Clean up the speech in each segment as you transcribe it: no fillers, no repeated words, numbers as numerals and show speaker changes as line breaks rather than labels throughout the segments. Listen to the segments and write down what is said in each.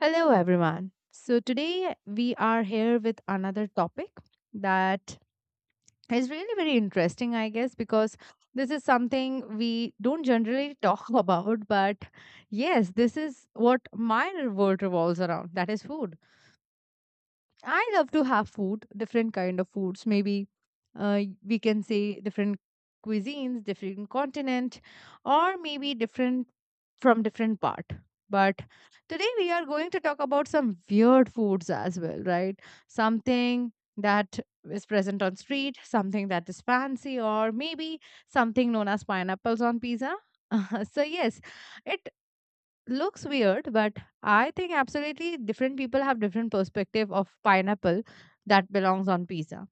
Hello, everyone. So, today we are here with another topic that is really very interesting, I guess, because this is something we don't generally talk about. But yes, this is what my world revolves around that is food. I love to have food, different kind of foods. Maybe we can say different cuisines, different continent, or maybe different from different part. But today we are going to talk about some weird foods as well, right? Something that is present on street, something that is fancy, or maybe something known as pineapples on pizza. So yes, it looks weird, but I think absolutely different people have different perspective of pineapple that belongs on pizza,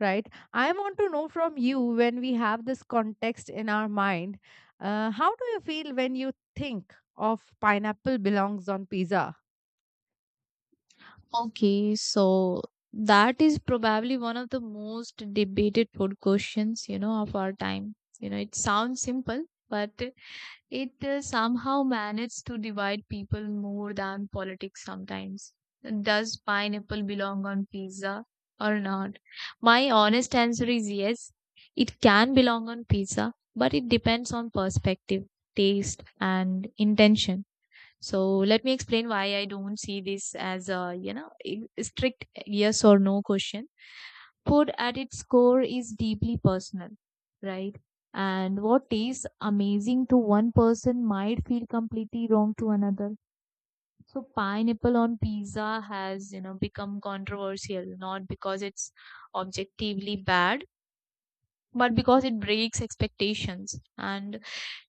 right? I want to know from you when we have this context in our mind, how do you feel when you think of pineapple belongs on pizza?
Okay, so that is probably one of the most debated food questions, you know, of our time. You know, it sounds simple, but it somehow manages to divide people more than politics sometimes. Does pineapple belong on pizza or not? My honest answer is yes. It can belong on pizza, but it depends on perspective, taste, and intention. So let me explain why I don't see this as a, you know, strict yes or no question. Food at its core is deeply personal, right? And what tastes amazing to one person might feel completely wrong to another. So pineapple on pizza has, you know, become controversial, not because it's objectively bad, but because it breaks expectations. And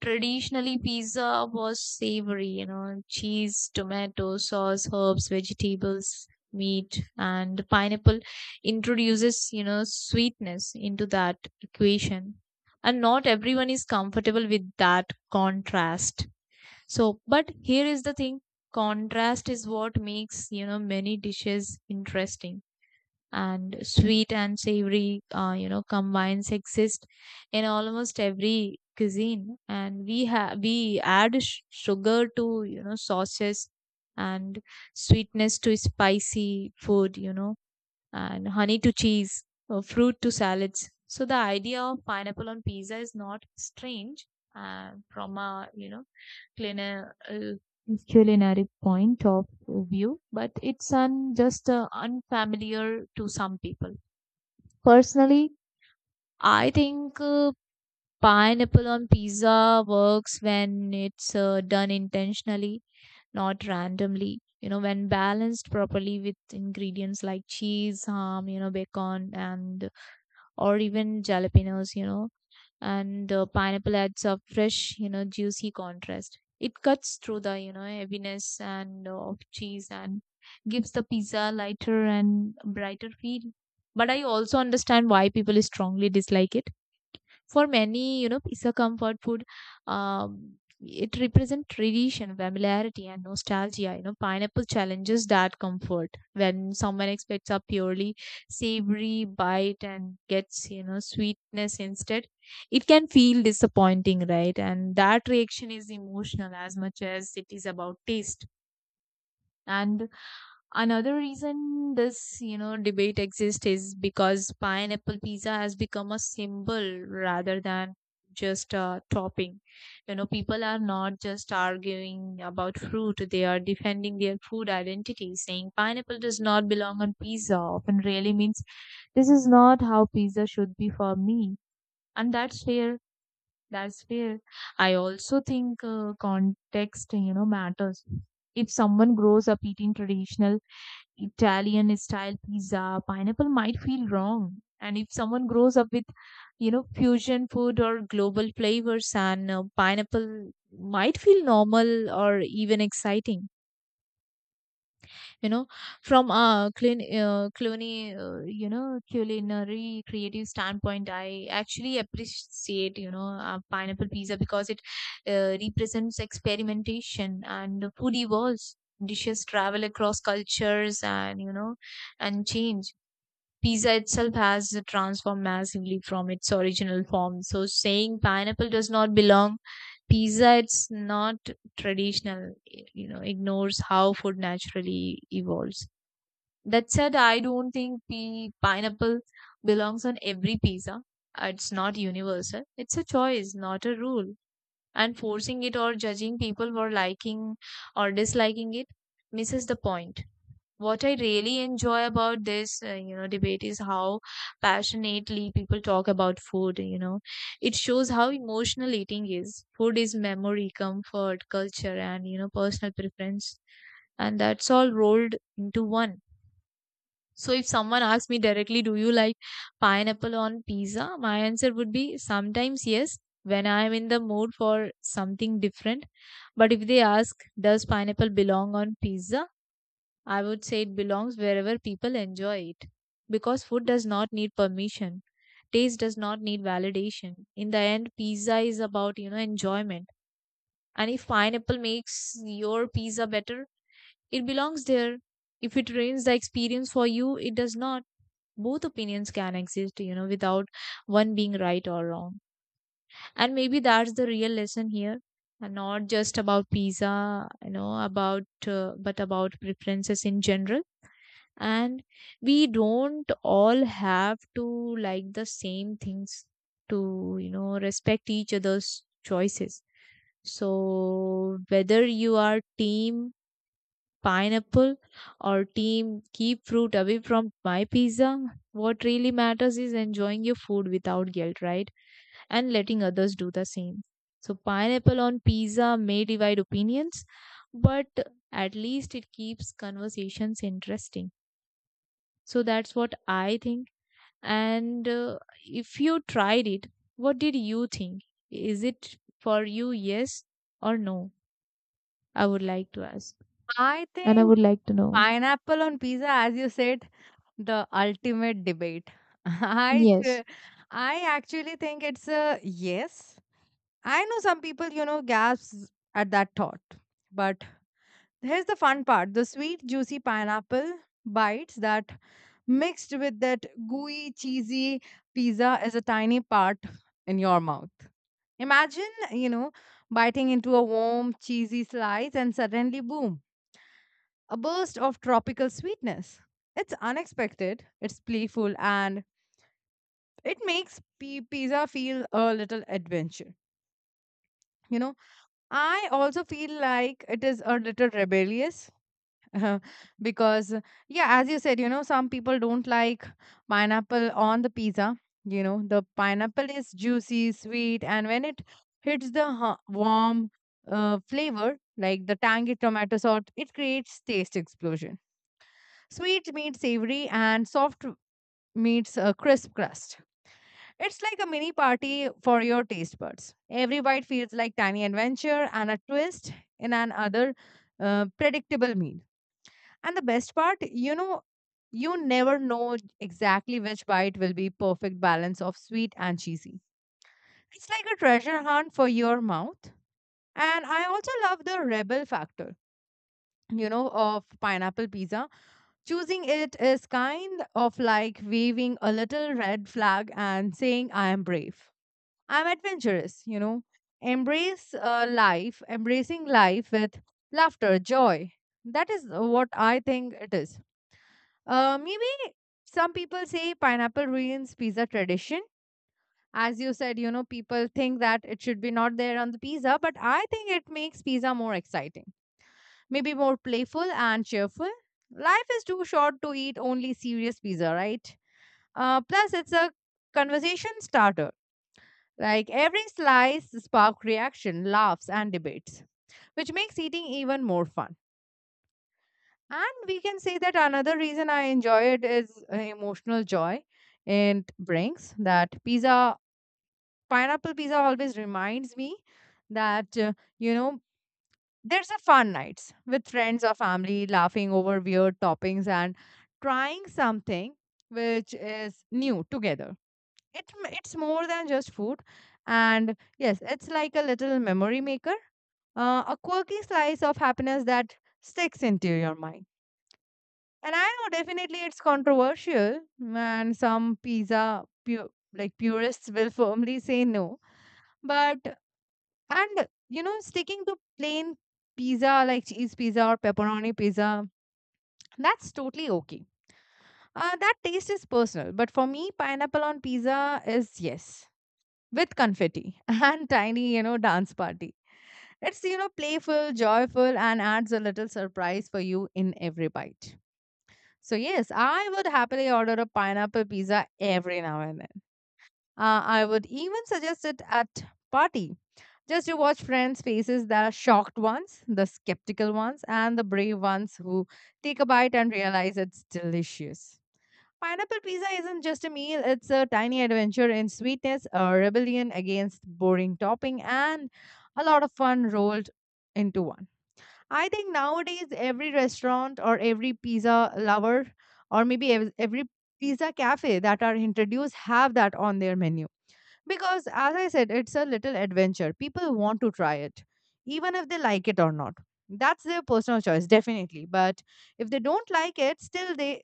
traditionally, pizza was savory, you know, cheese, tomato sauce, herbs, vegetables, meat, and pineapple introduces, you know, sweetness into that equation, and not everyone is comfortable with that contrast. So but here is the thing, contrast is what makes, you know, many dishes interesting. And sweet and savory you know, combines exist in almost every cuisine, and we add sugar to, you know, sauces and sweetness to spicy food, you know, and honey to cheese or fruit to salads. So the idea of pineapple on pizza is not strange, from a, you know, clina- uh, culinary point of view, but it's just unfamiliar to some people. Personally, I think pineapple on pizza works when it's done intentionally, not randomly. You know, when balanced properly with ingredients like cheese, ham, you know, bacon, and or even jalapenos, you know, and the pineapple adds a fresh, you know, juicy contrast. It cuts through the, you know, heaviness and of cheese and gives the pizza lighter and brighter feel. But I also understand why people strongly dislike it. For many, you know, it's a comfort food. Um, it represents tradition, familiarity, and nostalgia. You know, pineapple challenges that comfort when someone expects a purely savory bite and gets, you know, sweetness instead. It can feel disappointing, right? And that reaction is emotional as much as it is about taste. And another reason this, you know, debate exists is because pineapple pizza has become a symbol rather than just a topping. You know, people are not just arguing about fruit, they are defending their food identity. Saying pineapple does not belong on pizza often really means this is not how pizza should be for me. And that's fair. I also think context, you know, matters. If someone grows up eating traditional Italian style pizza, pineapple might feel wrong. And if someone grows up with, you know, fusion food or global flavors, and pineapple might feel normal or even exciting, you know. From a clean cluny you know, culinary creative standpoint, I actually appreciate, you know, pineapple pizza because it represents experimentation. And food evolves, dishes travel across cultures and, you know, and change. Pizza itself has transformed massively from its original form. So saying pineapple does not belong, pizza it's not traditional, you know, ignores how food naturally evolves. That said, I don't think the pineapple belongs on every pizza. It's not universal. It's a choice, not a rule. And forcing it or judging people for liking or disliking it misses the point. What I really enjoy about this, you know, debate is how passionately people talk about food. You know, it shows how emotional eating is. Food is memory, comfort, culture, and, you know, personal preference, and that's all rolled into one. So if someone asks me directly, "Do you like pineapple on pizza?" my answer would be sometimes yes, when I am in the mood for something different. But if they ask, "Does pineapple belong on pizza?" I would say it belongs wherever people enjoy it. Because food does not need permission, taste does not need validation. In the end, pizza is about, you know, enjoyment. And if pineapple makes your pizza better, it belongs there. If it ruins the experience for you, it does not. Both opinions can exist, you know, without one being right or wrong. And maybe that's the real lesson here. And not just about pizza, you know, about, but about preferences in general. And we don't all have to like the same things to, you know, respect each other's choices. So whether you are team pineapple or team keep fruit away from my pizza, what really matters is enjoying your food without guilt, right? And letting others do the same. So pineapple on pizza may divide opinions, but at least it keeps conversations interesting. So that's what I think. And if you tried it, what did you think? Is it for you, yes or no? I would like to ask.
I
And I
think
would like to know.
pineapple on pizza, as you said, the ultimate debate. I
Yes.
ch- I actually think it's a yes. I know some people, gasps at that thought, but here's the fun part, the sweet, juicy pineapple bites that mixed with that gooey, cheesy pizza is a tiny part in your mouth. Imagine, biting into a warm, cheesy slice and suddenly, boom, a burst of tropical sweetness. It's unexpected, it's playful, and it makes pizza feel a little adventure. You know, I also feel like it is a little rebellious because yeah, as you said, you know, some people don't like pineapple on the pizza. You know, the pineapple is juicy, sweet, and when it hits the warm flavor like the tangy tomato sauce, it creates taste explosion. Sweet meets savory and soft meets a crisp crust. It's like a mini party for your taste buds. Every bite feels like tiny adventure and a twist in an other predictable meal. And the best part, you never know exactly which bite will be perfect balance of sweet and cheesy. It's like a treasure hunt for your mouth. And I also love the rebel factor, of pineapple pizza. Choosing it is kind of like waving a little red flag and saying, I am brave. I'm adventurous, you know. Embrace life, embracing life with laughter, joy. That is what I think it is. Maybe some people say pineapple ruins pizza tradition. As you said, people think that it should be not there on the pizza, but I think it makes pizza more exciting, maybe more playful and cheerful. Life is too short to eat only serious pizza, right? Plus, it's a conversation starter. Like every slice spark reaction, laughs, and debates, which makes eating even more fun. And we can say that another reason I enjoy it is emotional joy it brings. That pizza, pineapple pizza always reminds me that, you know, there's a fun nights with friends or family laughing over weird toppings and trying something which is new together. It's more than just food. And yes, it's like a little memory maker, a quirky slice of happiness that sticks into your mind. And I know definitely it's controversial, and some like purists will firmly say no. But and you know, sticking to plain pizza like cheese pizza or pepperoni pizza, that's totally okay. That taste is personal, but for me, pineapple on pizza is yes, with confetti and tiny, dance party. It's, you know, playful, joyful, and adds a little surprise for you in every bite. So, yes, I would happily order a pineapple pizza every now and then. I would even suggest it at party just to watch friends' faces, the shocked ones, the skeptical ones, and the brave ones who take a bite and realize it's delicious. Pineapple pizza isn't just a meal, it's a tiny adventure in sweetness, a rebellion against boring topping, and a lot of fun rolled into one. I think nowadays every restaurant or every pizza lover or maybe every pizza cafe that are introduced have that on their menu, because as I said, it's a little adventure. People want to try it even if they like it or not. That's their personal choice definitely, but if they don't like it still they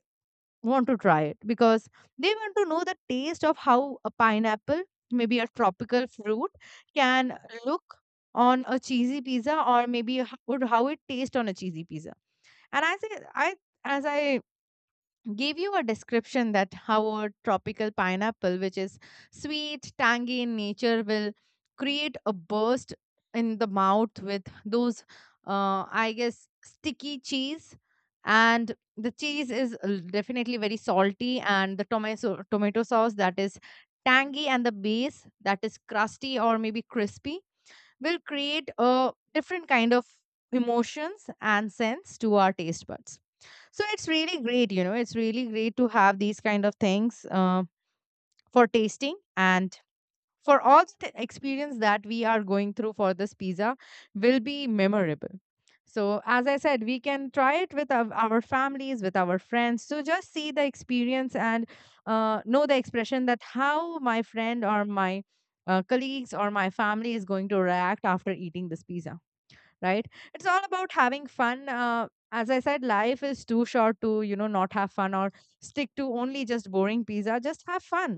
want to try it because they want to know the taste of how a pineapple, maybe a tropical fruit, can look on a cheesy pizza, or maybe would how it tastes on a cheesy pizza. And I say I as I gave you a description that how a tropical pineapple, which is sweet, tangy in nature, will create a burst in the mouth with those, I guess, sticky cheese. And the cheese is definitely very salty, and the tomato sauce that is tangy, and the base that is crusty or maybe crispy will create a different kind of emotions and sense to our taste buds. So it's really great, you know, it's really great to have these kind of things for tasting, and for all the experience that we are going through for this pizza will be memorable. So as I said, we can try it with our families, with our friends. So just see the experience and, know the expression that how my friend or my colleagues or my family is going to react after eating this pizza, right? It's all about having fun. As I said, life is too short to, you know, not have fun or stick to only just boring pizza. Just have fun.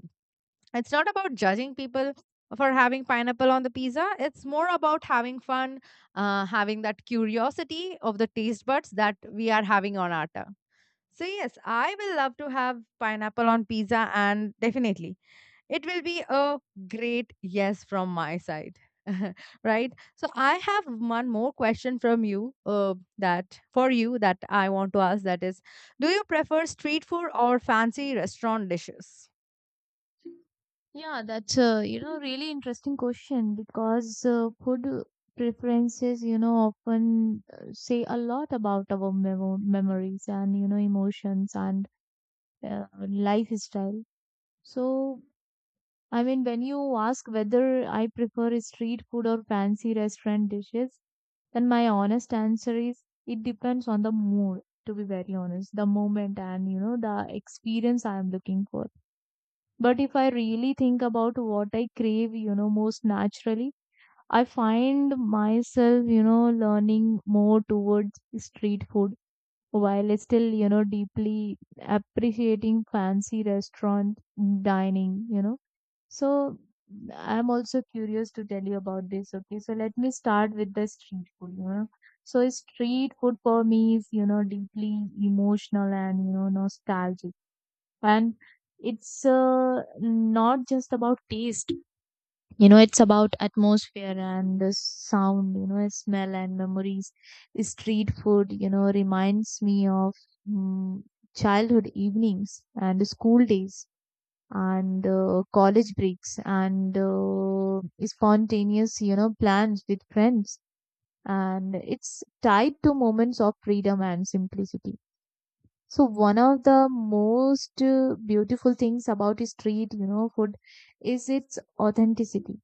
It's not about judging people for having pineapple on the pizza. It's more about having fun, having that curiosity of the taste buds that we are having on our tongue. So yes, I will love to have pineapple on pizza, and definitely it will be a great yes from my side. Right, so I have one more question from you, that for you that I want to ask, that is, do you prefer street food or fancy restaurant dishes?
Yeah, that's a, you know, really interesting question because food preferences, you know, often say a lot about our memories and, you know, emotions and lifestyle. So I mean, when you ask whether I prefer street food or fancy restaurant dishes, then my honest answer is it depends on the mood, to be very honest, the moment and, you know, the experience I am looking for. But if I really think about what I crave, you know, most naturally, I find myself, you know, learning more towards street food while still, you know, deeply appreciating fancy restaurant dining, you know. So I'm also curious to tell you about this. Okay, so let me start with the street food, you know. So street food for me is, you know, deeply emotional and, you know, nostalgic. And it's not just about taste, you know, it's about atmosphere and the sound, you know, smell and memories. Street food, you know, reminds me of mm childhood evenings and school days and college breaks and spontaneous, you know, plans with friends. And it's tied to moments of freedom and simplicity. So one of the most beautiful things about street, you know, food is its authenticity.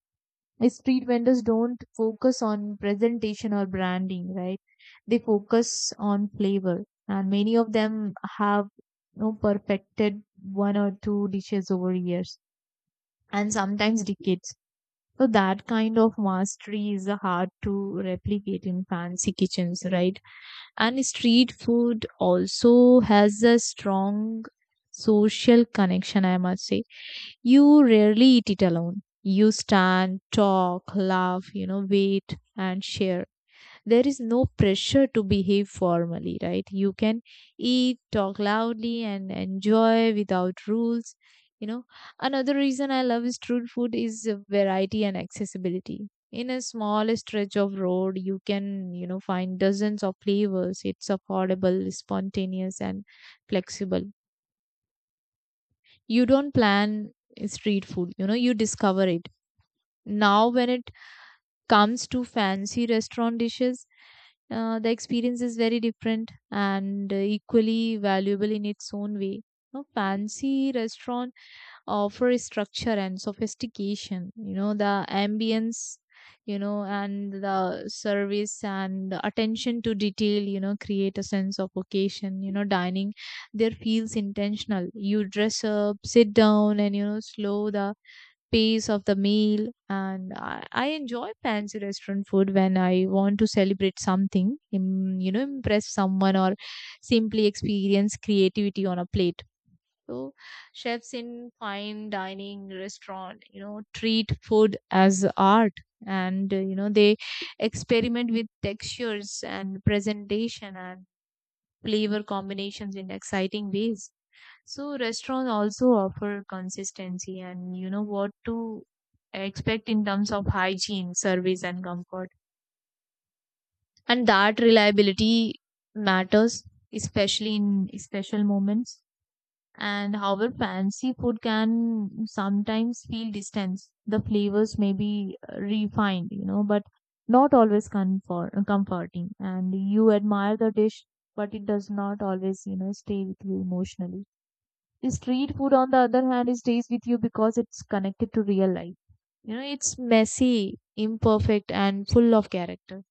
Street vendors don't focus on presentation or branding, right? They focus on flavor, and many of them have, you know, perfected one or two dishes over years and sometimes decades. So that kind of mastery is hard to replicate in fancy kitchens, right? And street food also has a strong social connection, I must say. You rarely eat it alone. You stand, talk, laugh, you know, wait and share. There is no pressure to behave formally, right? You can eat, talk loudly, and enjoy without rules. You know, another reason I love street food is variety and accessibility. In a small stretch of road, you can, you know, find dozens of flavors. It's affordable, spontaneous, and flexible. You don't plan street food, you know, you discover it. Now, when it comes to fancy restaurant dishes, the experience is very different and equally valuable in its own way. No fancy restaurant offer structure and sophistication. You know, the ambience, you know, and the service and the attention to detail. You know, create a sense of occasion. You know, dining there feels intentional. You dress up, sit down, and, you know, slow the pace of the meal. And I enjoy fancy restaurant food when I want to celebrate something, you know, impress someone or simply experience creativity on a plate. So, chefs in fine dining restaurant, you know, treat food as art, and you know, they experiment with textures and presentation and flavor combinations in exciting ways. So restaurant also offer consistency and, you know, what to expect in terms of hygiene, service and comfort. And that reliability matters, especially in special moments. And however fancy food can sometimes feel distant. The flavors may be refined, you know, but not always comforting. And you admire the dish, but it does not always, you know, stay with you emotionally. Street food, on the other hand, it stays with you because it's connected to real life. You know, it's messy, imperfect, and full of character,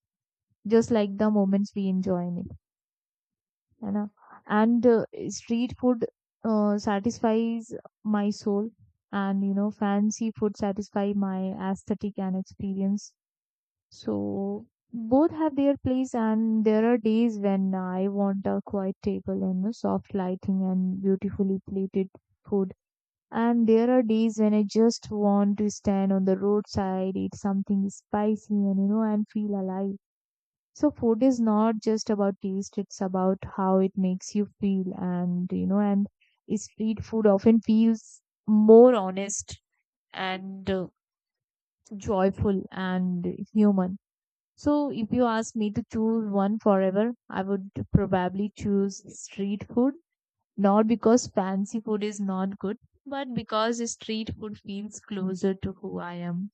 just like the moments we enjoy in it. You know? And street food satisfies my soul, and, you know, fancy food satisfy my aesthetic and experience. So both have their place, and there are days when I want a quiet table and, you know, soft lighting and beautifully plated food, and there are days when I just want to stand on the roadside, eat something spicy, and, you know, and feel alive. So food is not just about taste, it's about how it makes you feel. And you know, and street food often feels more honest and joyful and human. So, if you ask me to choose one forever, I would probably choose street food, not because fancy food is not good, but because street food feels closer to who I am.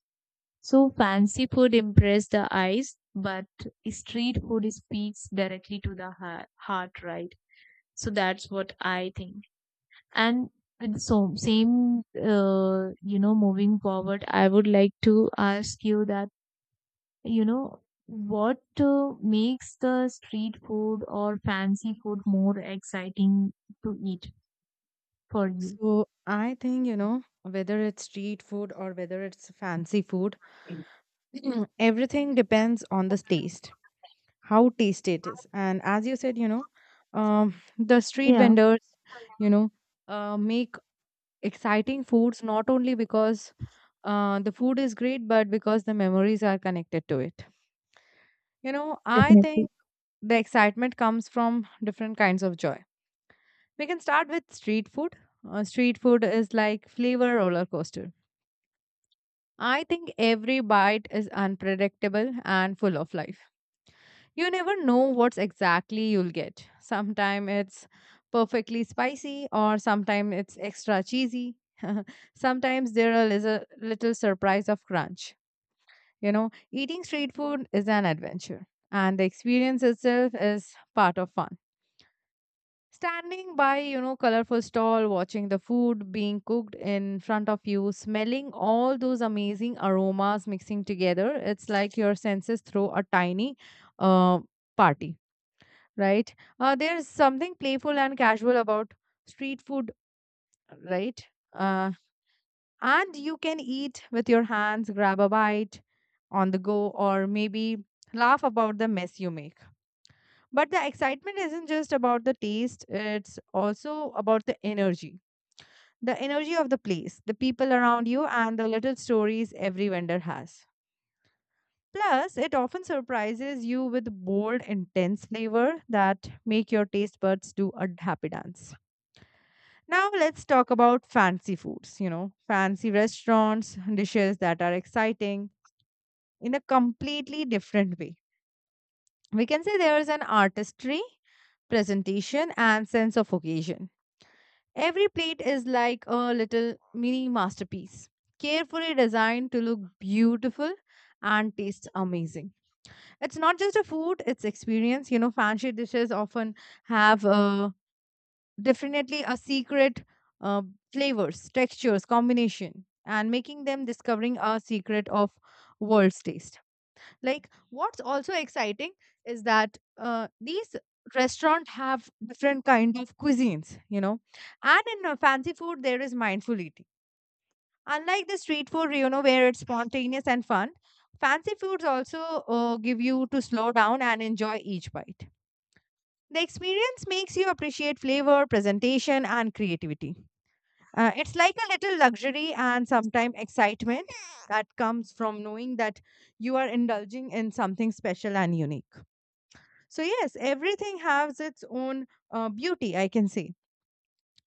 So fancy food impress the eyes, but street food speaks directly to the heart, right? So that's what I think. And with so same, moving forward, I would like to ask you that, you know, what makes the street food or fancy food more exciting to eat for you?
So I think, you know, whether it's street food or whether it's fancy food, everything depends on the taste, how tasty it is. And as you said, you know, the street
Yeah,
vendors, you know, make exciting foods not only because the food is great, but because the memories are connected to it. You know, I think
definitely.
the excitement comes from different kinds of joy. We can start with street food. Street food is like flavor roller coaster. I think every bite is unpredictable and full of life. You never know what's exactly you'll get. Sometime it's perfectly spicy, or sometime it's extra cheesy. Sometimes there are little, little surprise of crunch. You know, eating street food is an adventure, and the experience itself is part of fun. Standing by, you know, colorful stall, watching the food being cooked in front of you, smelling all those amazing aromas mixing together, it's like your senses throw a tiny uh, party, right? There's something playful and casual about street food, right? Uh, and you can eat with your hands, grab a bite on the go, or maybe laugh about the mess you make. But the excitement isn't just about the taste, it's also about the energy. The energy of the place, the people around you, and the little stories every vendor has. Plus, it often surprises you with bold, intense flavor that make your taste buds do a happy dance. Now let's talk about fancy foods, you know, fancy restaurants, dishes that are exciting in a completely different way. We can say there is an artistry, presentation, and sense of occasion. Every plate is like a little mini masterpiece, carefully designed to look beautiful and taste amazing. It's not just a food, it's experience. You know, fancy dishes often have, definitely a secret uh, flavors, textures, combination, and making them discovering a secret of world's taste. Like what's also exciting is that these restaurant have different kind of cuisines, you know, and in fancy food there is mindful eating. Unlike the street food, you know, where it's spontaneous and fun, fancy foods also give you to slow down and enjoy each bite. The experience makes you appreciate flavor, presentation, and creativity. It's like a little luxury, and sometimes excitement that comes from knowing that you are indulging in something special and unique. So, yes, everything has its own beauty, I can say.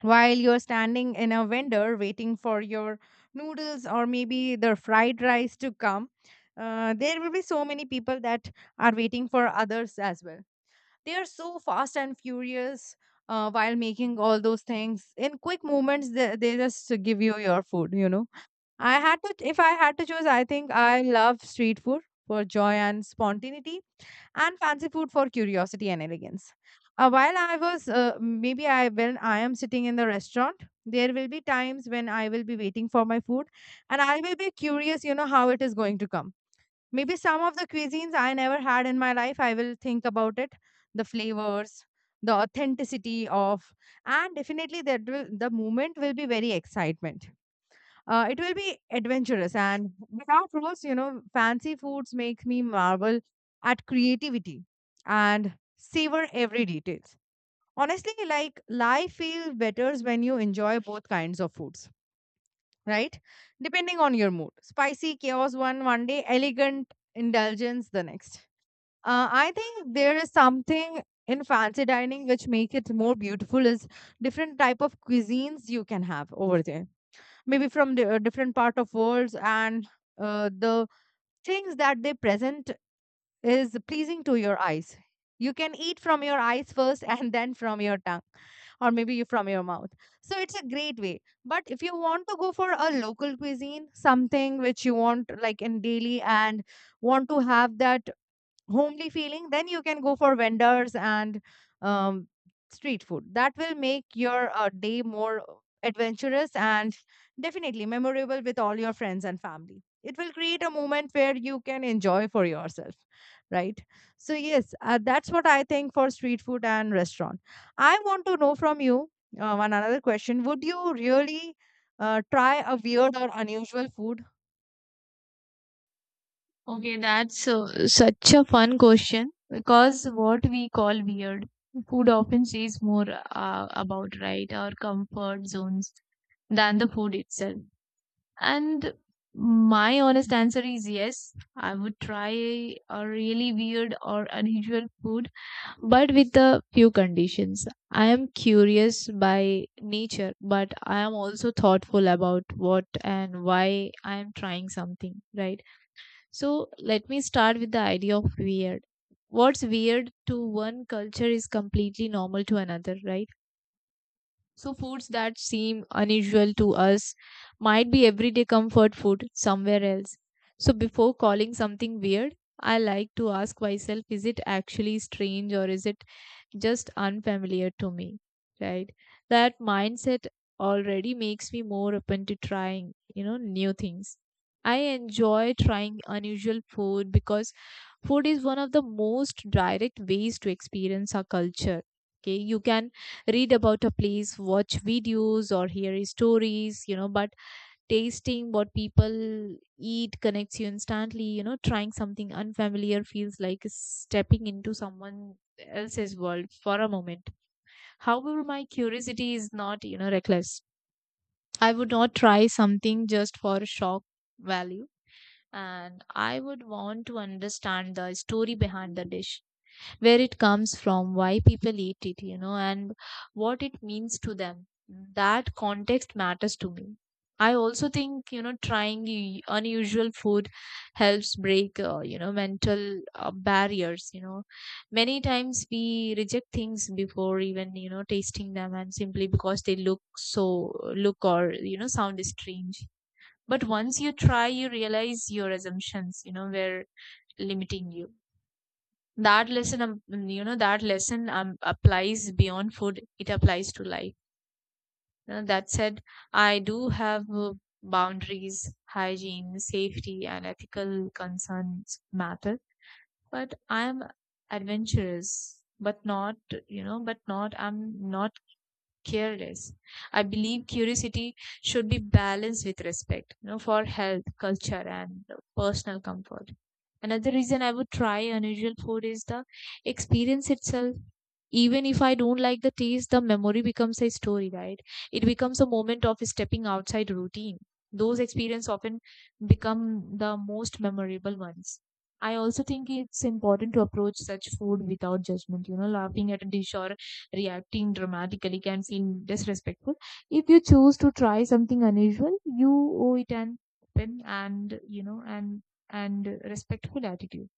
While you're standing in a vendor waiting for your noodles or maybe the fried rice to come, there will be so many people that are waiting for others as well. They are so fast and furious while making all those things in quick moments, they just give you your food. I had to If I had to choose, I think I love street food for joy and spontaneity, and fancy food for curiosity and elegance. While I was maybe I when I am sitting in the restaurant, there will be times when I will be waiting for my food, and I will be curious, you know, how it is going to come. Maybe some of the cuisines I never had in my life, I will think about it. The flavors, the authenticity of, and definitely that will, the moment will be very excitement. It will be adventurous and without rules, you know, fancy foods make me marvel at creativity and savor every details. Honestly, like life feels better when you enjoy both kinds of foods, right? Depending on your mood. Spicy chaos one day, elegant indulgence the next. I think there is something in fancy dining which make it more beautiful is different type of cuisines you can have over there. Maybe from the different part of worlds and the things that they present is pleasing to your eyes. You can eat from your eyes first and then from your tongue or maybe you from your mouth. So it's a great way. But if you want to go for a local cuisine, something which you want like in daily and want to have that homely feeling, then you can go for vendors and um, street food. That will make your day more adventurous and definitely memorable with all your friends and family. It will create a moment where you can enjoy for yourself, right? So, yes, that's what I think for street food and restaurant. I want to know from you one another question. Would you really try a weird or unusual food?
Okay, that's such a fun question because what we call weird food often says more about right our comfort zones than the food itself. And my honest answer is yes, I would try a really weird or unusual food, but with a few conditions. I am curious by nature, but I am also thoughtful about what and why I am trying something, right? So let me start with the idea of weird. What's weird to one culture is completely normal to another, right? So, foods that seem unusual to us might be everyday comfort food somewhere else. So, before calling something weird, I like to ask myself, is it actually strange or is it just unfamiliar to me? Right? That mindset already makes me more open to trying, you know, new things. I enjoy trying unusual food because food is one of the most direct ways to experience our culture. Okay, you can read about a place, watch videos, or hear stories, you know, but tasting what people eat connects you instantly. You know, trying something unfamiliar feels like stepping into someone else's world for a moment. However, my curiosity is not, you know, reckless. I would not try something just for shock value, and I would want to understand the story behind the dish, where it comes from, why people eat it, you know, and what it means to them. That context matters to me. I also think, you know, trying unusual food helps break, you know, mental barriers. You know, many times we reject things before even, you know, tasting them, and simply because they look or, you know, sound strange. But once you try, you realize your assumptions, you know, were limiting you that lesson you know That lesson applies beyond food, it applies to life. You know, that said, I do have boundaries, hygiene, safety, and ethical concerns matter, but I am adventurous, but not you know but not I'm not careless. I believe curiosity should be balanced with respect, you know, for health, culture, and personal comfort. Another reason I would try unusual food is the experience itself. Even if I don't like the taste, the memory becomes a story, right? It becomes a moment of stepping outside routine. Those experiences often become the most memorable ones. I also think it's important to approach such food without judgment. You know, laughing at a dish or reacting dramatically can feel disrespectful. If you choose to try something unusual, you owe it an open and you know and respectful attitude.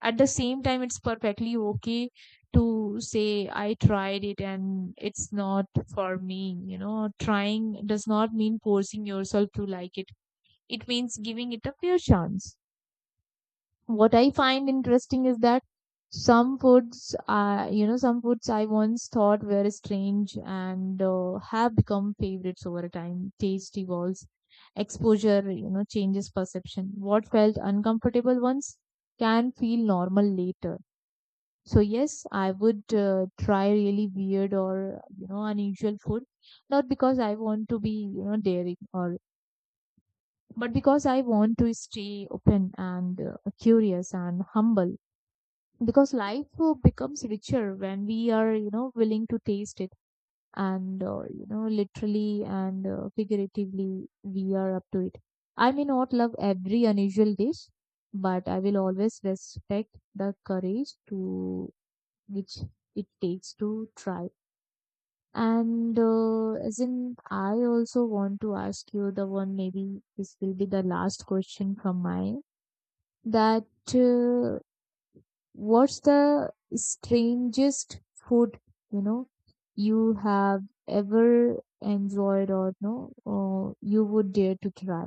At the same time, it's perfectly okay to say, I tried it and it's not for me. You know, trying does not mean forcing yourself to like it means giving it a fair chance. What I find interesting is that some foods I once thought were strange and have become favorites over time. Taste evolves, exposure, you know, changes perception. What felt uncomfortable once can feel normal later. So yes, I would try really weird or you know unusual food, not because I want to be you know daring or, but because I want to stay open and curious and humble, because life becomes richer when we are, you know, willing to taste it, and you know, literally and figuratively, we are up to it. I may not love every unusual dish, but I will always respect the courage to which it takes to try. And as in I also want to ask you the one, maybe this will be the last question from mine, that what's the strangest food, you know, you have ever enjoyed or no, or you would dare to try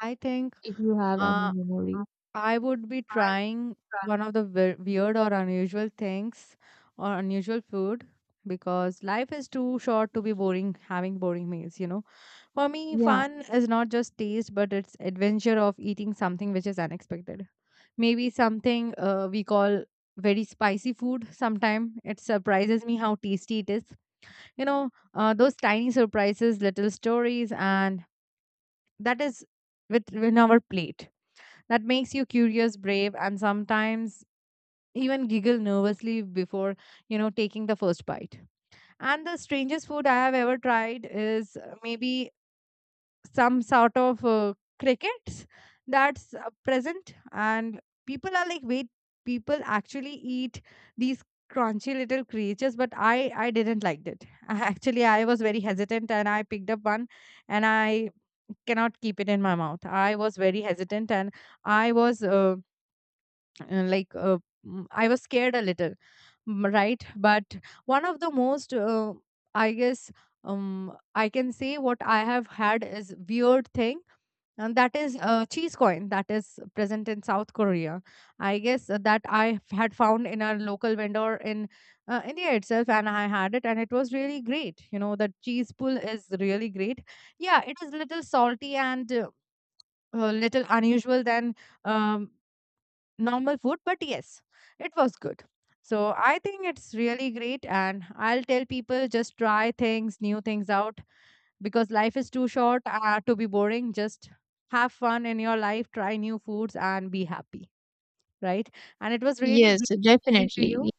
I think.
if you have any
Uh,
memory?
I would be trying one of the weird or unusual things or unusual food because life is too short to be boring having boring meals, you know. For me,
Yeah.
fun is not just taste but it's adventure of eating something which is unexpected. Maybe something we call very spicy food sometime it surprises me how tasty it is, you know. Those tiny surprises, little stories, and that is with in our plate that makes you curious, brave, and sometimes even giggle nervously before, you know, taking the first bite. And the strangest food I have ever tried is maybe some sort of crickets. That's present, and people are like, wait, people actually eat these crunchy little creatures. But I didn't like it. I, actually I was very hesitant and I picked up one, and I cannot keep it in my mouth. I was very hesitant, and I was uh, like uh, I was scared a little. Right. But one of the most I guess, I can say what I have had is weird thing, and that is cheese coin, that is present in South Korea, I guess. That I had found in a local vendor in India itself, and I had it, and it was really great. You know, the cheese pool is really great. Yeah, it is little salty and little unusual than um, normal food, but yes, it was good. So I think it's really great, and I'll tell people just try things, new things out because life is too short to be boring. Just have fun in your life, try new foods, and be happy, right? And it was really
Yes,
great talking to
definitely.
you.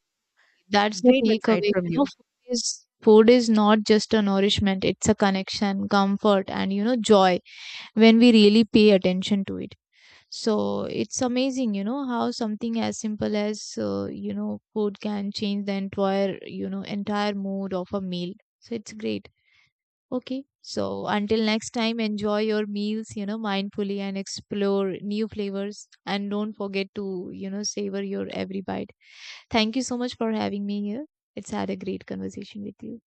That's the
Great insight
takeaway.
from
You know,
you.
food is not just a nourishment, it's a connection, comfort, and you know, joy when we really pay attention to it. So it's amazing, you know, how something as simple as, you know, food can change the entire mood of a meal. So it's great. Okay. So until next time, enjoy your meals, you know, mindfully and explore new flavors. And don't forget to, you know, savor your every bite. Thank you so much for having me here. It's had a great conversation with you.